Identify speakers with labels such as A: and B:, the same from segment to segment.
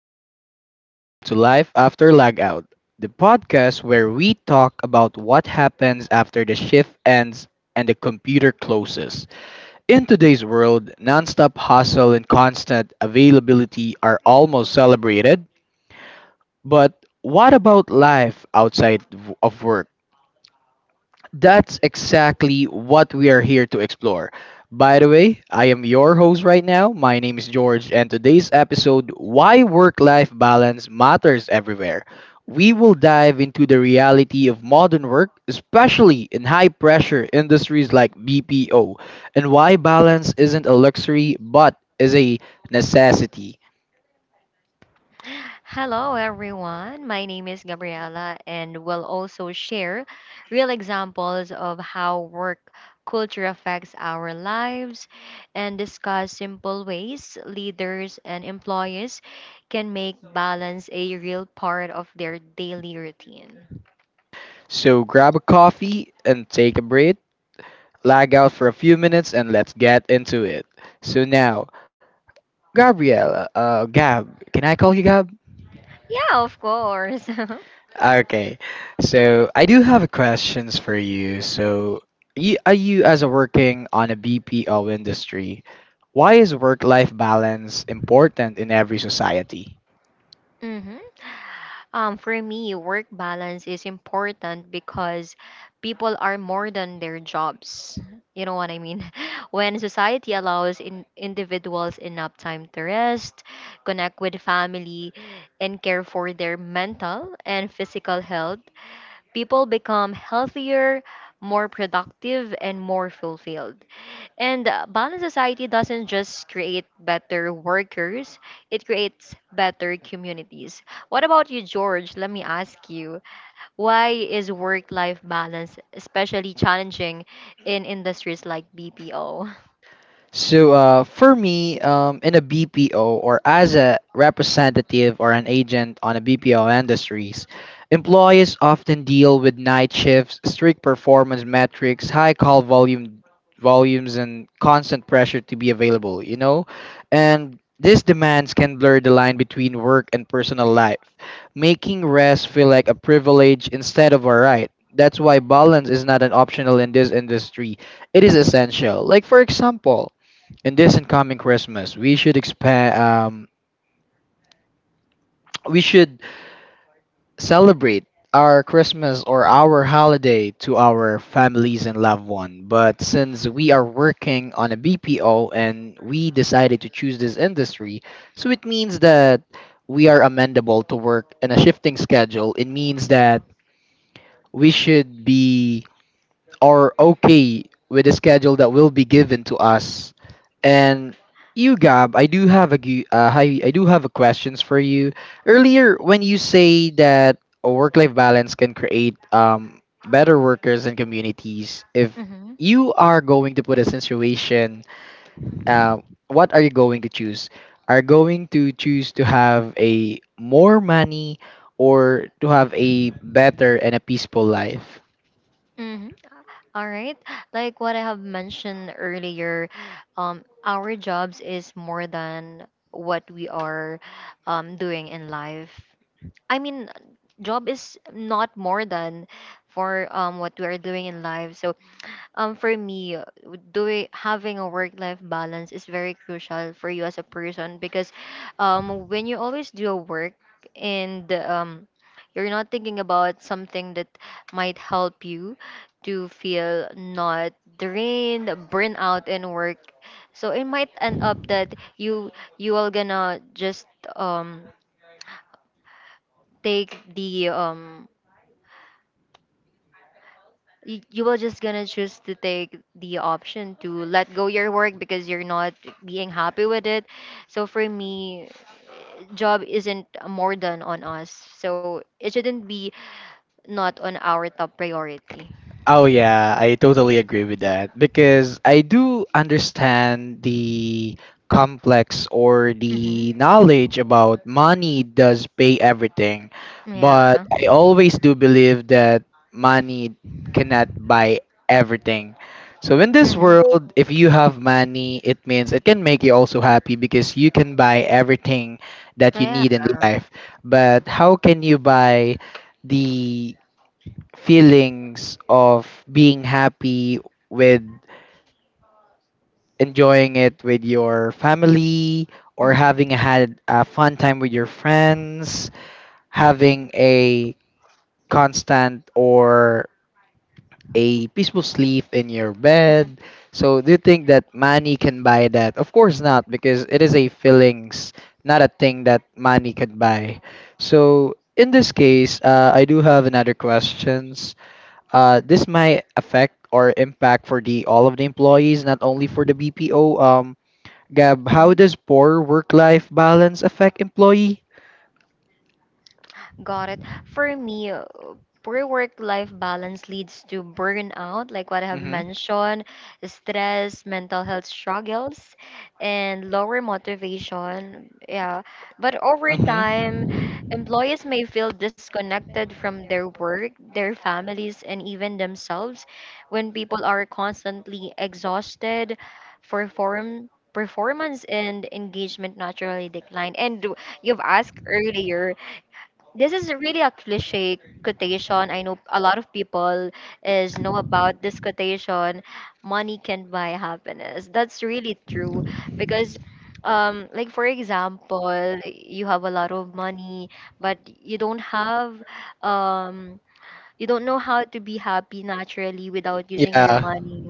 A: everyone, welcome to Life After Lagout, the podcast where we talk about what happens after the shift ends and the computer closes. In today's world, nonstop hustle and constant availability are almost celebrated, but what about life outside of work? That's exactly what we are here to explore. By the way, I am your host right now. My name is George, and today's episode, Why Work Life Balance Matters Everywhere. We will dive into the reality of modern work, especially in high pressure industries like BPO, and why balance isn't a luxury but is a necessity.
B: Hello, everyone. My name is Gabriela, and we'll also share real examples of how work culture affects our lives and discuss simple ways leaders and employees can make balance a real part of their daily routine.
A: So grab a coffee and take a break, lag out for a few minutes, and let's get into it. So now, Gab, can I call you Gab?
B: Yeah, of course.
A: Okay, so I do have questions for you. So, are you as a working on a BPO industry, why is work-life balance important in every society?
B: hmm for me, work balance is important because people are more than their jobs. You know what I mean? When society allows individuals enough time to rest, connect with family, and care for their mental and physical health, people become healthier, more productive, and more fulfilled. And balanced society doesn't just create better workers, it creates better communities. What about you, George? Let me ask you, why is work life balance especially challenging in industries like BPO?
A: So for me, in a BPO or as a representative or an agent on a BPO industries, employees often deal with night shifts, strict performance metrics, high call volumes, and constant pressure to be available. And these demands can blur the line between work and personal life, making rest feel like a privilege instead of a right. That's why balance is not an optional in this industry. It is essential. Like for example, in this incoming Christmas, we should expand. We should celebrate our Christmas or our holiday to our families and loved one. But since we are working on a BPO and we decided to choose this industry, so it means that we are amendable to work in a shifting schedule. It means that we should be are okay with the schedule that will be given to us. And you, Gab, I do have a questions for you. Earlier, when you say that a work-life balance can create better workers and communities, if
B: Mm-hmm.
A: you are going to put a situation, uh, what are you going to choose? Are going to choose to have a more money or to have a better and a peaceful life?
B: Mm-hmm. All right. Like what I have mentioned earlier, our jobs is more than what we are doing in life. I mean, job is not more than for what we are doing in life. So for me, doing having a work life balance is very crucial for you as a person because when you always do a work and you're not thinking about something that might help you to feel not drained, burn out in work. So it might end up that you are gonna just um take the you will just gonna choose to take the option to let go your work because you're not being happy with it. So for me, job isn't more than on us, so it shouldn't be not on our top priority.
A: Oh yeah, I totally agree with that because I do understand the complex or
B: hmm
A: the knowledge about money does pay everything,
B: yeah
A: but I
B: hmm
A: always do believe that money cannot buy everything. So in this world, if you have money, it means it can make you also happy because you can buy everything that you
B: yeah
A: need in life. But how can you buy the feelings of being happy with enjoying it with your family or
B: hmm
A: having had a fun time with your friends, having a constant or a peaceful sleep in your bed. So do you think that money can buy that? Of course not because it is a feelings, not a thing that money could buy. So in this case, I do have another question. This might affect or impact for the all of the employees, not only for the BPO. Gab, how
B: hmm
A: does poor work-life balance affect employee?
B: Got it. For me, poor work-life balance leads to burnout, like what I have
A: Mm-hmm.
B: mentioned, stress, mental health struggles, and lower motivation. Yeah. But over time,
A: Mm-hmm.
B: employees may feel disconnected from their work, their families, and even themselves. When people are constantly exhausted, performance and engagement naturally decline. And you've asked earlier, this is really a cliche quotation. I know a lot of people is know about this quotation. Money can buy happiness. That's really true because, like for example, you have a lot of money, but you don't have, um, you don't know how to be happy naturally without using your
A: Yeah.
B: money.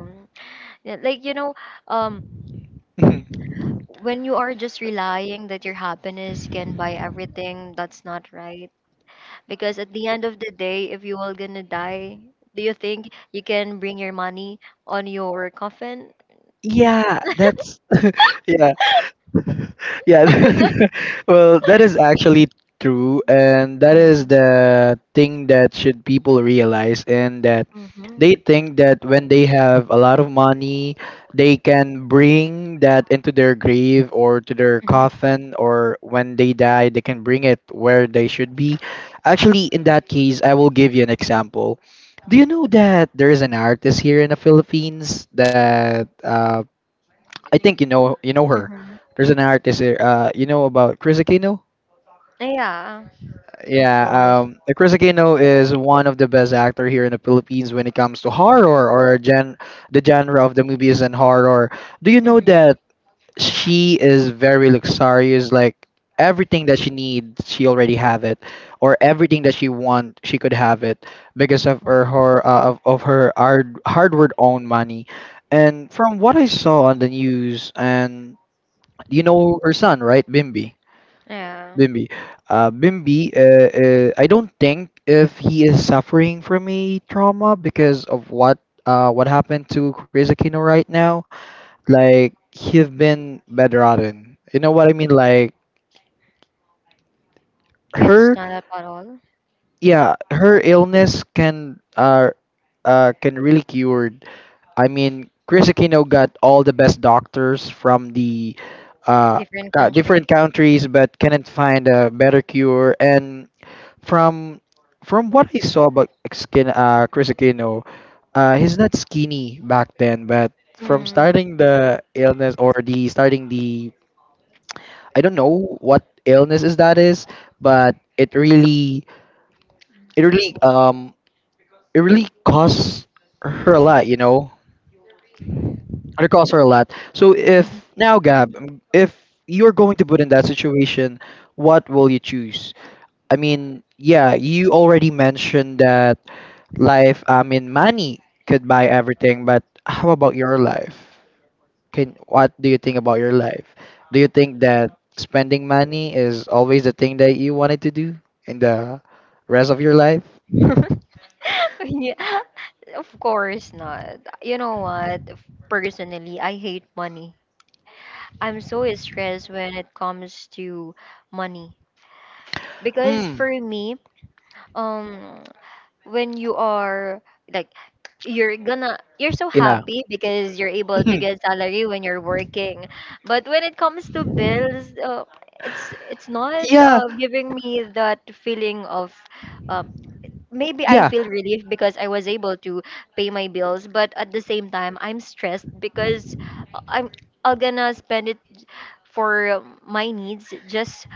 B: Yeah. Like, you know, um,
A: Mhm.
B: when you are just relying that your happiness can buy everything, that's not right because at the end of the day, if you all gonna die, do you think you can bring your money on your coffin?
A: Yeah, that's yeah. Yeah. Well, that is actually true, and that is
B: Mm-hmm.
A: the thing that should people realize. And that
B: Mm-hmm.
A: they think that when they have a lot of money, they can bring that into their grave or to their coffin, or when they die they can bring it where they should be. Actually, in that case, I will give you an example. Do you know that there is an artist here in the Philippines that, I think you know, her.
B: Mm-hmm.
A: There's an artist here. You know about Chris Aquino?
B: Yeah, of
A: Yeah,
B: course.
A: Chris Aquino is one of the best actor here in the Philippines when it comes to horror or gen the genre of the movies and horror. Do you know
B: hmm
A: that she is very luxurious? Like everything that she needs, she already have it, or everything that she want, she could have it because of her hard work own money. And from what I saw on the news, and you know her son, right? Bimbi.
B: Yeah,
A: Bimbi. I don't think if he is suffering from a trauma because of what, what happened to Chris Aquino right now. Like, he's been bedridden. You know what I mean? Like,
B: can't
A: her,
B: stand up at all.
A: yeah, her illness can, can really cure. I mean, Chris Aquino got all the best doctors from the uh,
B: Different country.
A: different countries, but cannot find a better cure. And from from what I saw about skin, Chris Aquino, he's not skinny back then, but from
B: Mm.
A: starting the illness or the starting the I don't know what illness is that is, but it really it really um it really costs her a lot, you know. It costs her a lot. So if now, Gab, if you're going to put in that situation, what will you choose? I mean, yeah, you already mentioned that life, I mean, money could buy everything, but how about your life? Can What do you think about your life? Do you think that spending money is always the thing that you wanted to do in the rest of your life?
B: Yeah, of course not. You know what? Personally, I hate money. I'm so stressed when it comes to money because
A: Mm,
B: for me, um, when you are like, you're gonna you're so
A: yeah.
B: happy because you're able to get salary when you're working, but when it comes to bills, it's not,
A: Yeah,
B: giving me that feeling of, uh, maybe I
A: yeah,
B: feel relief because I was able to pay my bills, but at the same time, I'm stressed because I'm I'm gonna spend it for my needs just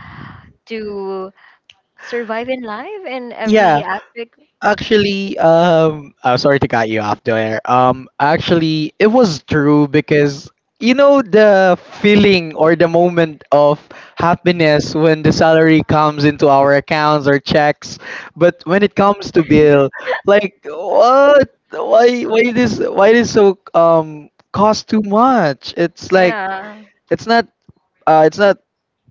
B: to survive in life in
A: yeah.
B: every aspect.
A: Actually, I'm sorry to cut you off there. Actually, it was true because you know the feeling or the moment of happiness when the salary comes into our accounts or checks, but when it comes to bill, like what? Why? Why this? Why this so cost too much? It's like
B: Yeah.
A: it's not. Uh, it's not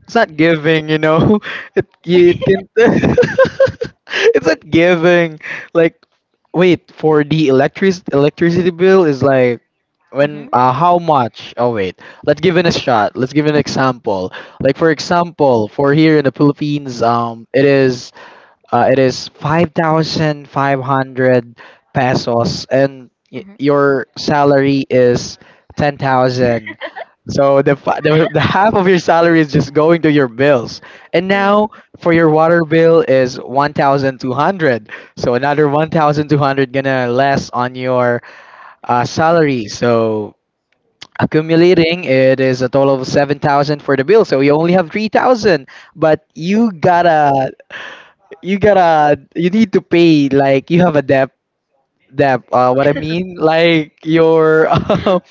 A: it's not giving, it can, it's not giving, like, wait, for the electricity bill is like,
B: Mm-hmm.
A: when how much, oh wait, let's give it a shot, let's give an example. Like for example, for here in the Philippines, it is, it is 5,500 pesos, and
B: Mm-hmm.
A: your salary is 10,000, so the, fi- the half of your salary is just going to your bills. And
B: Mm.
A: now for your water bill is 1,200. So another 1,200 gonna less on your salary. So accumulating it is a total of 7,000 for the bill. So you only have 3,000, but you need to pay, like you have a debt, what I mean, like your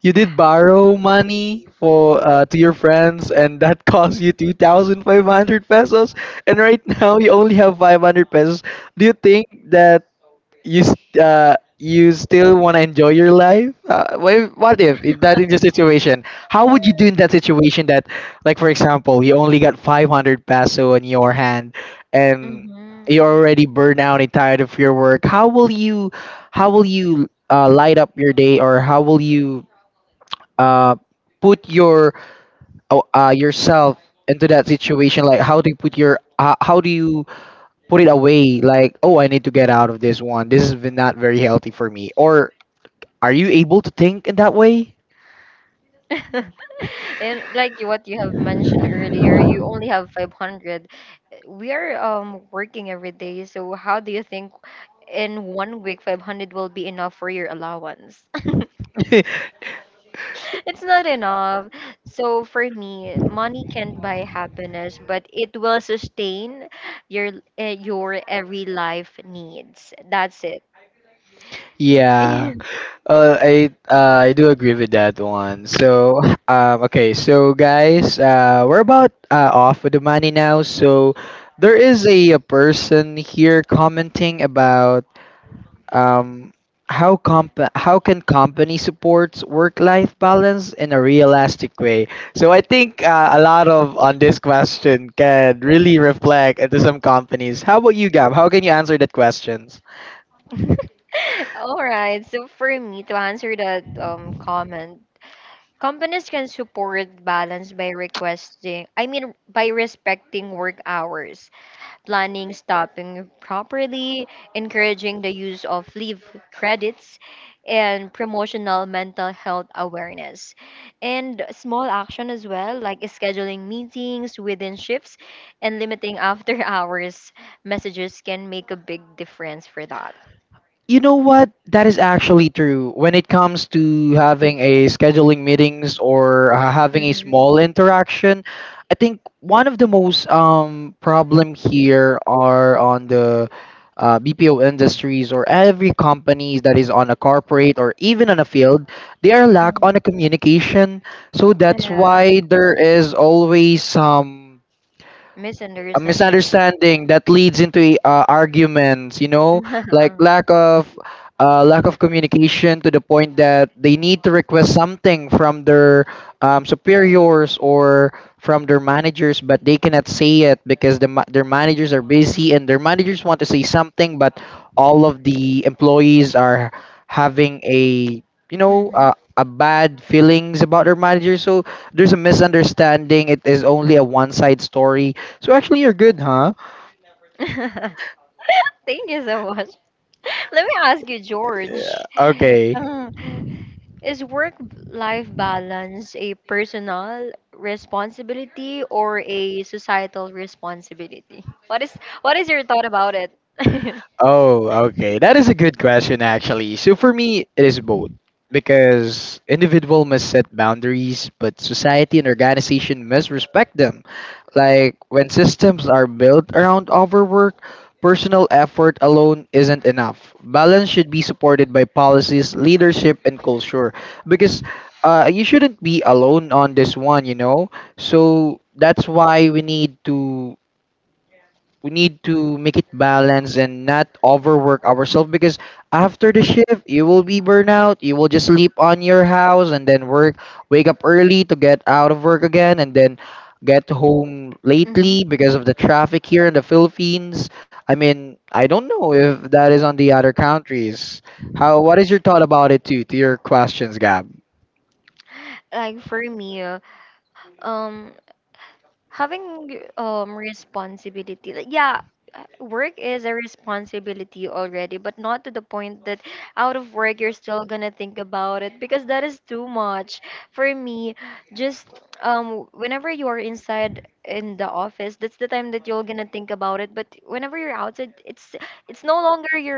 A: You did borrow money for, to your friends, and that cost you two thousand five hundred pesos. And right now, you only have 500 pesos. Do you think that you still want to enjoy your life? What if, in that is your situation? How would you do in that situation? That, like for example, you only got 500 peso in your hand, and
B: Mhm.
A: you're already burned out and tired of your work. How will you? How will you? Light up your day, or how will you uh put your yourself into that situation? Like, how do you put your, how do you put it away, like, oh I need to get out of this one, this is not very healthy for me, or are you able to think in that way?
B: And like what you have mentioned earlier, you only have 500. We are working every day, so how do you think in 1 week 500 will be enough for your allowance? It's not enough. So for me, money can't buy happiness, but it will sustain your, your every life needs. That's it.
A: Yeah, I, I do agree with that one. So okay, so guys, we're about, off with the money now. So there is a, person here commenting about, Um, how comp how can company supports work life balance in a realistic way? So I think, a lot of on this question can really reflect into some companies. How about you, Gab? How can you answer that question?
B: All right. So for me to answer that comment, companies can support balance by requesting, I mean by respecting work hours, planning stopping properly, encouraging the use of leave credits, and promotional mental health awareness. And small action as well, like scheduling meetings within shifts and limiting after hours messages can make a big difference for that.
A: You know what? That is actually true. When it comes to having a scheduling meetings or, having a
B: Mm-hmm.
A: small interaction, I think one of the most problem here are on the, BPO industries or every companies that is on a corporate or even on a field, they are lack
B: Mm.
A: on a communication. So that's
B: Yeah,
A: why there is always some a
B: misunderstanding.
A: misunderstanding that leads into arguments, you know, like lack of, lack of communication, to the point that they need to request something from their, superiors or from their managers, but they cannot say it because their managers are busy, and their managers want to say something, but all of the employees are having a,
B: Mm-hmm.
A: a bad feelings about their manager. So there's a misunderstanding, it is only a one side story. So actually, you're good, huh?
B: Thank you so much. Let me ask you, George.
A: Okay.
B: Um, is work life balance a personal responsibility or a societal responsibility? What is your thought about it?
A: Oh, okay. That is a good question, actually. So for me, it is both because individual must set boundaries, but society and organization must respect them. Like when systems are built around overwork, personal effort alone isn't enough. Balance should be supported by policies, leadership, and culture because you shouldn't be alone on this one, you know. So that's why we need to make it balanced and not overwork ourselves because after the shift you will be burnout, you will just sleep on your house and then work, wake up early to get out of work again, and then get home
B: Mhm. Mhm.
A: lately because of the traffic here in the Philippines. I mean, I don't know if that is on the other countries. How, what is your thought about it too, to your questions, Gab?
B: Like for me, um having responsibility like, yeah, work is a responsibility already, but not to the point that out of work you're still gonna think about it, because that is too much for me. Just whenever you are inside in the office, that's the time that you're gonna think about it, but whenever you're outside, it's no longer your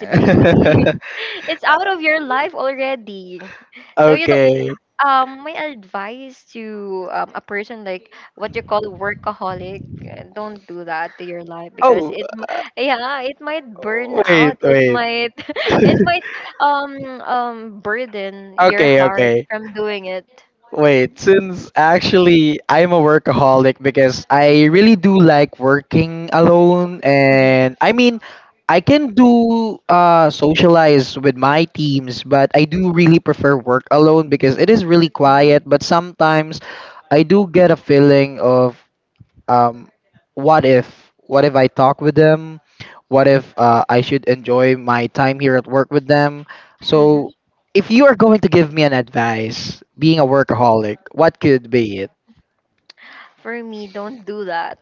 B: It's out of your life already. So you,
A: Okay.
B: my advice to, a person like what you call workaholic, don't do that to your life because
A: Oh,
B: yeah, it might burn out,
A: wait,
B: it
A: wait.
B: might it might um burden your
A: Okay,
B: heart
A: okay.
B: from doing it.
A: Wait, since actually I'm a workaholic because I really do like working alone,
B: Mhm,
A: and I mean I can do socialize with my teams, but I do really prefer work alone because it is really
B: mhm,
A: quiet, but sometimes I do get a feeling of um, what if, what if I talk with them? What if I should enjoy my time here at work with them?
B: mhm.
A: So, if you are going to give me an advice, being a workaholic, what could be it?
B: For me, don't do that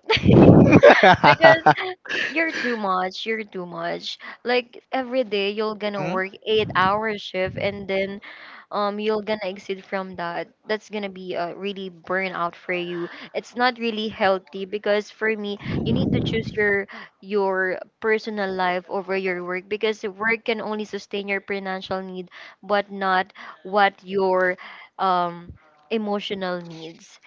B: because you're too much, like every day you're gonna
A: Hmm?
B: work 8 hour shift and then you're gonna exit from that. That's gonna be a really burnout for you. It's not really healthy because for me, you need to choose your personal life over your work, because work can only sustain your financial need, but not what your um emotional needs.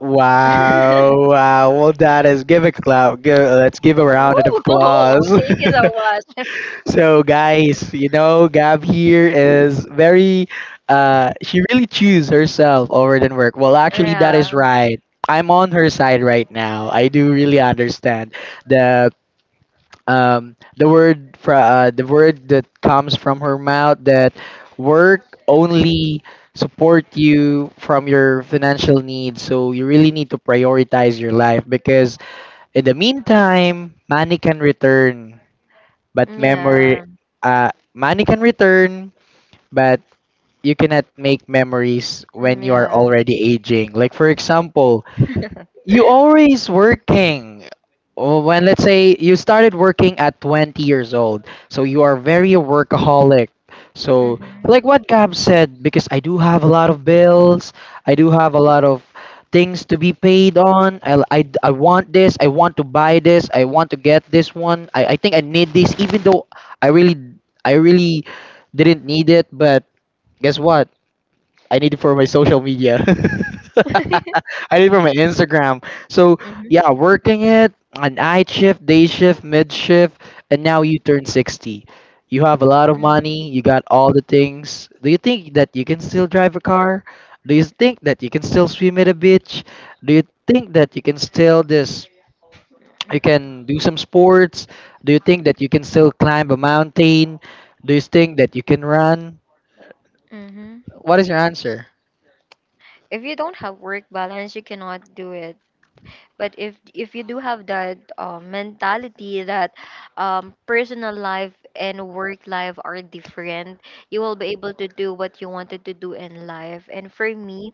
A: Wow, wow. Well, that is give a clap. Give, let's give a round of
B: Woo!
A: applause.
B: Thank you so much.
A: So guys, you know, Gab here is very she really choose herself over than work. Well, actually that is
B: Yeah.
A: right. I'm on her side right now. I do really understand the the word for the word that comes from her mouth that work only support you from your financial needs. So you really need to prioritize your life because in the meantime, money can return but memory,
B: Yeah.
A: money can return but you cannot make memories when
B: Mm,
A: you are
B: yeah.
A: already aging. Like for example, you always working. Oh, when let's say you started working at 20 years old, so you are very a workaholic. So
B: Mm-hmm.
A: like what Gab said, because I do have a lot of bills, I do have a lot of things to be paid on. I want this, I want to buy this, I want to get this one. I think I need this, even though I really, I really didn't need it. But guess what? I need it for my social media. I need it for my Instagram. So
B: Mm-hmm.
A: yeah, working it on night shift, day shift, mid shift, and now you turn 60. You have a lot of
B: Mm.
A: money. You got all the things. Do you think that you can still drive a car? Do you think that you can still swim at a beach? Do you think that you can still this? You can do some sports. Do you think that you can still climb a mountain? Do you think that you can run?
B: Mm-hmm.
A: What is your answer?
B: If you don't have work balance, you cannot do it. But if you do have that, mentality that, personal life and work life are different, you will be able to do what you wanted to do in life. And for me,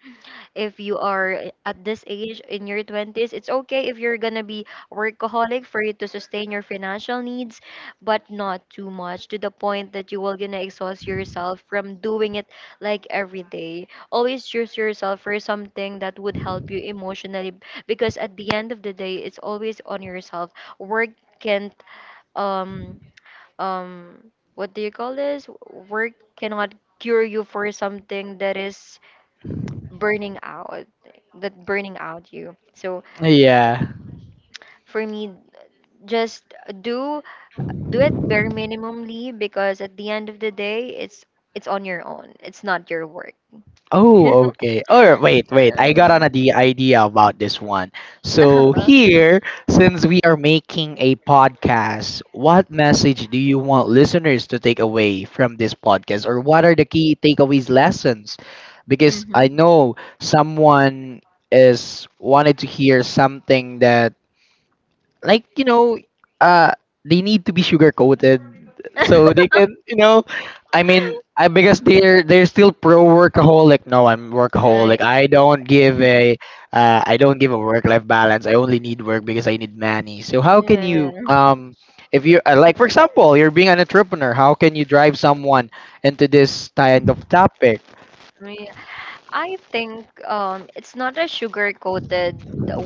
B: if you are at this age in your 20s, it's okay if you're gonna be workaholic for you to sustain your financial needs, but not too much to the point that you will gonna exhaust yourself from doing it. Like every day, always choose yourself for something that would help you emotionally, because at the end of the day, it's always on yourself. Work can't um um what do you call this work cannot cure you for something that is burning out, that burning out you. So
A: Yeah.
B: for me, just do do it bare minimumly, because at the end of the day, it's on your own, it's not your work.
A: Oh, okay. Or wait, wait. I got an
B: Mm.
A: idea about this one. So
B: Uh-huh.
A: here, since we are making a podcast, what message do you want listeners to take away from this podcast, or what are the key takeaways lessons? Because I
B: Mhm.
A: know someone is wanted to hear something that, like, you know, uh they need to be sugar coated so they can, you know, I mean, I, because they're still pro workaholic. No, I'm
B: I-
A: workaholic, I don't give a I don't give a work life balance, I only need work because I need money. So how can
B: yeah.
A: you if you like for example you're being an entrepreneur, how can you drive someone into this kind of topic?
B: Mm. I think, it's not a sugar coated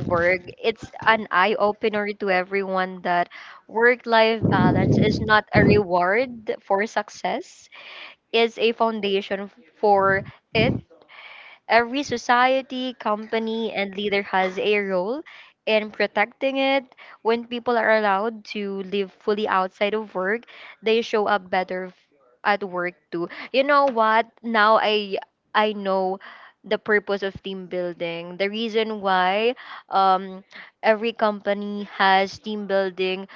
B: word. It's an eye opener to everyone that work life balance is not a reward for success, is a foundation for it. Every society, company, and leader has a role in protecting it. When people are allowed to live fully outside of work, they show up better at work too. You know what? Now I know the purpose of team building. The reason why um every company has team building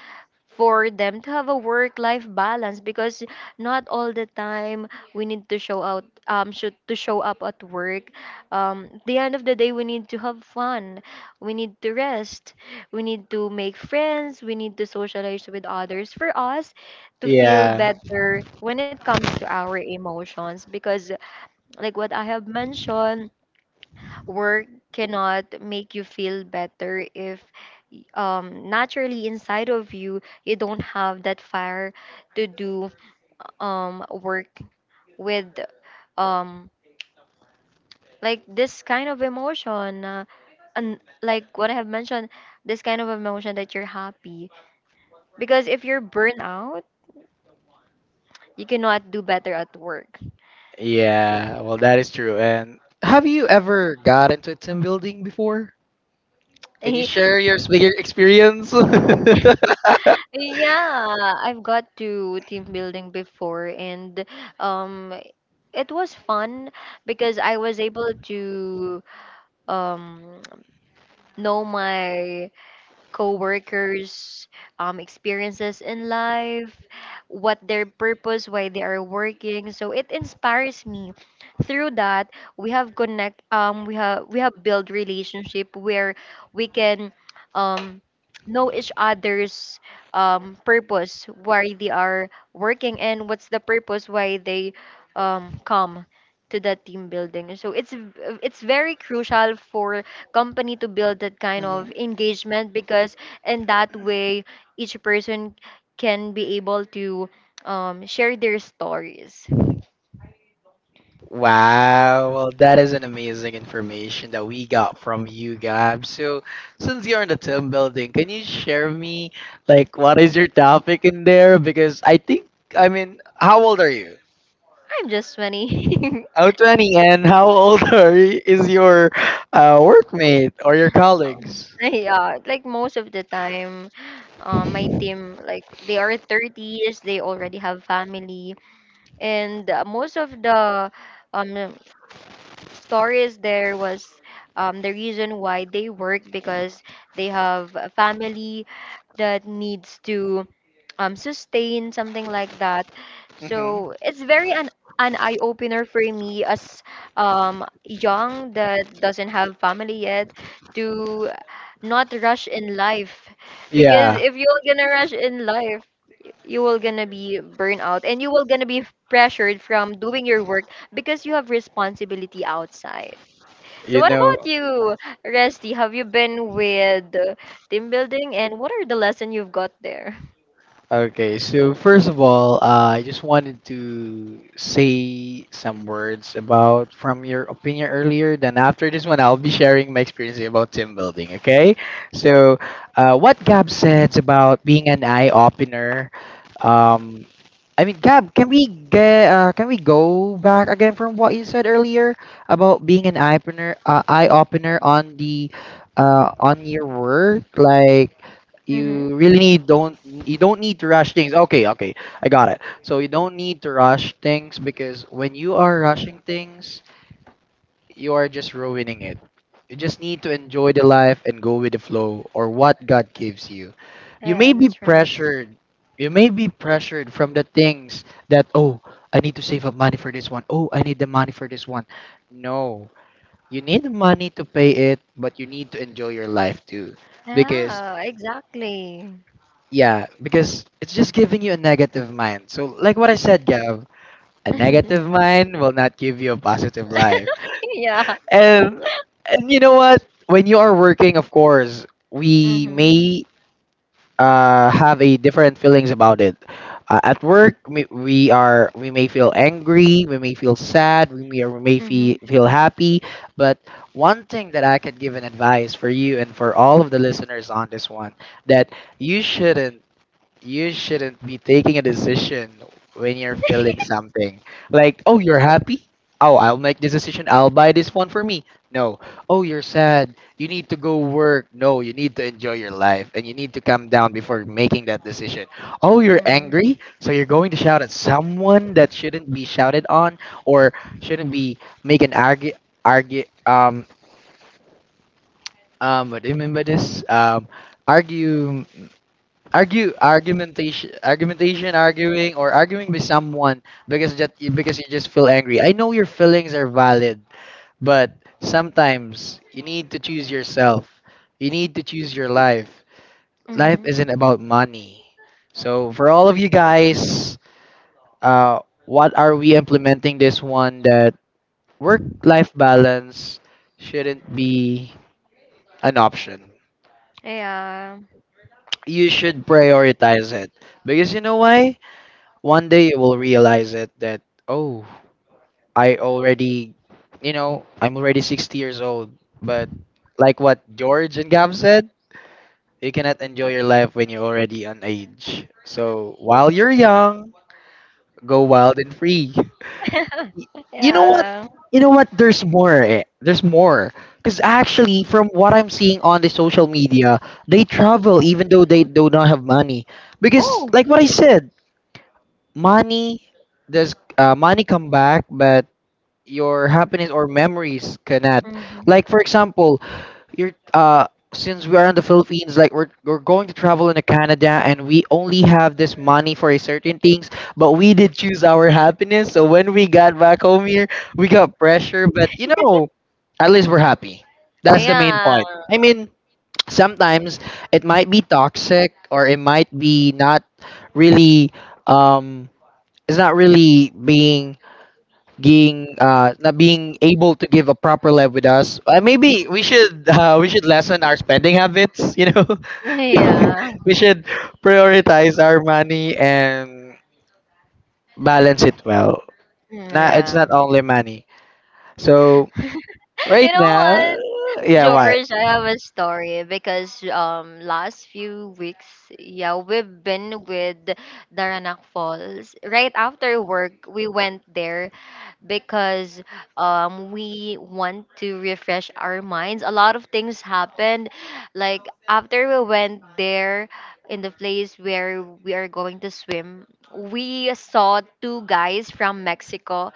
B: for them to have a work life balance, because not all the time we need to show out should to show up at work. At the end of the day, we need to have fun, we need to rest, we need to make friends, we need to socialize with others for us to feel
A: Yeah,
B: better when it comes to our emotions, because like what I have mentioned, work cannot make you feel better if, naturally inside of you, you don't have that fire to do work with, um this kind of emotion, and like what I have mentioned, this kind of emotion that you're happy. Because if you're burnt out, you cannot do better at work.
A: yeah, well that is true, and have you ever got into a team building before? Can you share your speaking experience?
B: Yeah, I've got to team building before, and um it was fun because I was able to um know my co-workers, experiences in life, what their purpose, why they are working. So it inspires me. Through that, we have built relationship where we can, um, know each other's, purpose, why they are working, and what's the purpose why they, come to the team building. So it's very crucial for company to build that kind of engagement, because in that way, each person can be able to, share their stories.
A: Wow, well, that is an amazing information that we got from you, Gab. So, since you're in the team building, can you share me, like, what is your topic in there? Because I think, I mean, how old are you?
B: I'm just 20.
A: Oh, 20, and how old are you, is your workmate or your colleagues?
B: Yeah, like most of the time, my team like they are 30s, they already have family, and most of the um stories there was the reason why they work because they have a family that needs to sustain something like that. So
A: Hmm.
B: it's very an eye opener for me as, young that doesn't have family yet, to not rush in life, because
A: Yeah,
B: if you're gonna rush in life, you will gonna be burnt out and you will gonna be pressured from doing your work because you have responsibility outside. So
A: you
B: what
A: know.
B: about you, resty, have you been with, team building, and what are the lesson you've got there?
A: Okay, so first of all, I just wanted to say some words about from your opinion earlier. Then after this one, I'll be sharing my experience about team building. Okay, so what Gab said about being an eye opener. Um, I mean, Gab, can we get can we go back again from what you said earlier about being an eye opener on the on your work? Like you really need, don't you don't need to rush things. Okay, okay, I got it. So you don't need to rush things because when you are rushing things, you are just ruining it. You just need to enjoy the life and go with the flow or what God gives you. You may
B: Yeah,
A: be
B: that's right.
A: pressured. You may be pressured from the things that, oh, I need to save up money for this one. Oh, I need the money for this one. No, you need the money to pay it, but you need to enjoy your life too. Because,
B: Yeah, exactly.
A: yeah, because it's just giving you a negative mind. So, like what I said, Gav, a negative mind will not give you a positive life.
B: Yeah.
A: Um, and you know what? When you are working, of course, we
B: Mhm.
A: may have a different feelings about it. At work, we are we may feel angry, we may feel sad, we may
B: Mhm.
A: feel happy. But one thing that I could give an advice for you and for all of the listeners on this one, that you shouldn't you shouldn't be taking a decision when you're feeling something. Like, oh, you're happy? Oh, I'll make this decision. I'll buy this one for me. No. Oh, you're sad. You need to go work. No, you need to enjoy your life and you need to calm down before making that decision. Oh, you're
B: Mhm.
A: angry? So you're going to shout at someone that shouldn't be shouted on, or shouldn't be make an argue, what do you mean by this? Argue, argumentation, arguing, or arguing with someone, because that, because you just feel angry. I know your feelings are valid, but sometimes you need to choose yourself, you need to choose your life. Life
B: Mhm.
A: isn't about money. So for all of you guys, uh what are we implementing this one, that work life balance shouldn't be an option,
B: Yeah.
A: you should prioritize it. Because you know why? One day you will realize it that, oh, I already, you know, I'm already 60 years old. But like what George and Gab said, you cannot enjoy your life when you're already on age. So while you're young, go wild and free. Y- You know what?
B: Yeah.
A: You know what? There's more. Eh. There's more. Because actually, from what I'm seeing on the social media, they travel even though they do not have money. Because,
B: Oh.
A: like what I said, money does, money come back, but your happiness or memories cannot.
B: Mhm.
A: Like for example, you're since we are in the Philippines, like we're going to travel into Canada and we only have this money for a certain things, but we did choose our happiness. So when we got back home here, we got pressure, but you know, at least we're happy. That's the main
B: Yeah.
A: point. I mean, sometimes it might be toxic or it might be not really um is not really being, not being able to give a proper life with us. Maybe we should we should lessen our spending habits. You know,
B: Yeah.
A: we should prioritize our money and balance it well.
B: Mm,
A: Not, it's
B: yeah.
A: not only money. So
B: You
A: right
B: know
A: now,
B: what?
A: yeah, why?
B: George, I have a story because, last few weeks, yeah, we've been with Daranac Falls. Right after work, we went there because we want to refresh our minds. A lot of things happened. Like after we went there, in the place where we are going to swim, we saw two guys from Mexico,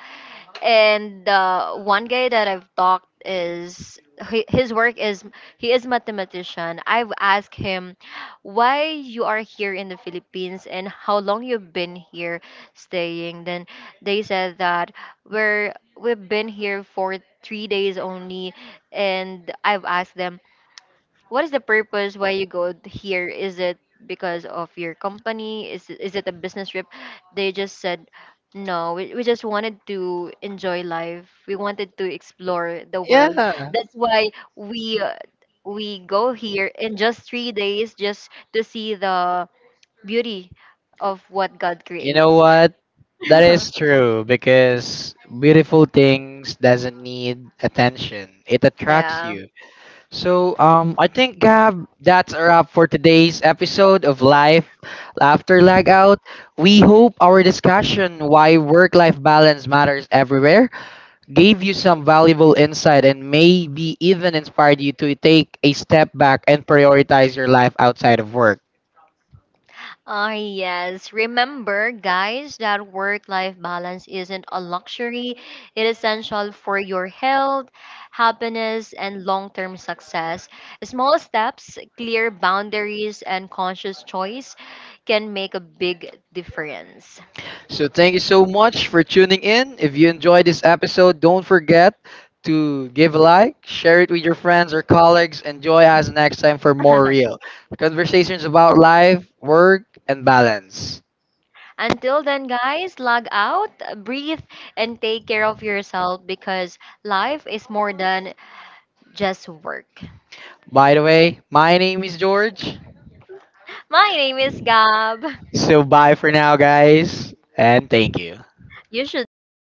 B: and one guy that I've talked his work is, he is mathematician. I've asked him, why you are here in the Philippines, and how long you've been here staying. Then they said that we're we've been here for 3 days only. And I've asked them, what is the purpose why you go here? Is it because of your company? Is it a business trip? They just said, no, we just wanted to enjoy life. We wanted to explore the
A: Yeah,
B: world. That's why we, we go here in just 3 days, just to see the beauty of what God
A: you know
B: creates.
A: what? That is true because beautiful things doesn't need attention. It attracts
B: Yeah.
A: you. So, I think Gab, that's a wrap for today's episode of Life After Lag Out. We hope our discussion why work-life balance matters everywhere gave you some valuable insight and maybe even inspired you to take a step back and prioritize your life outside of work.
B: Ah, yes. Remember, guys, that work life balance isn't a luxury. It is essential for your health, happiness, and long term success. Small steps, clear boundaries, and conscious choice can make a big difference.
A: So thank you so much for tuning in. If you enjoyed this episode, don't forget to give a like, share it with your friends or colleagues, and join us next time for more real conversations about life, work, and balance.
B: Until then, guys, log out, breathe, and take care of yourself, because life is more than just work.
A: By the way, my name is George.
B: My name is Gab.
A: So bye for now, guys, and thank you.
B: You should log out.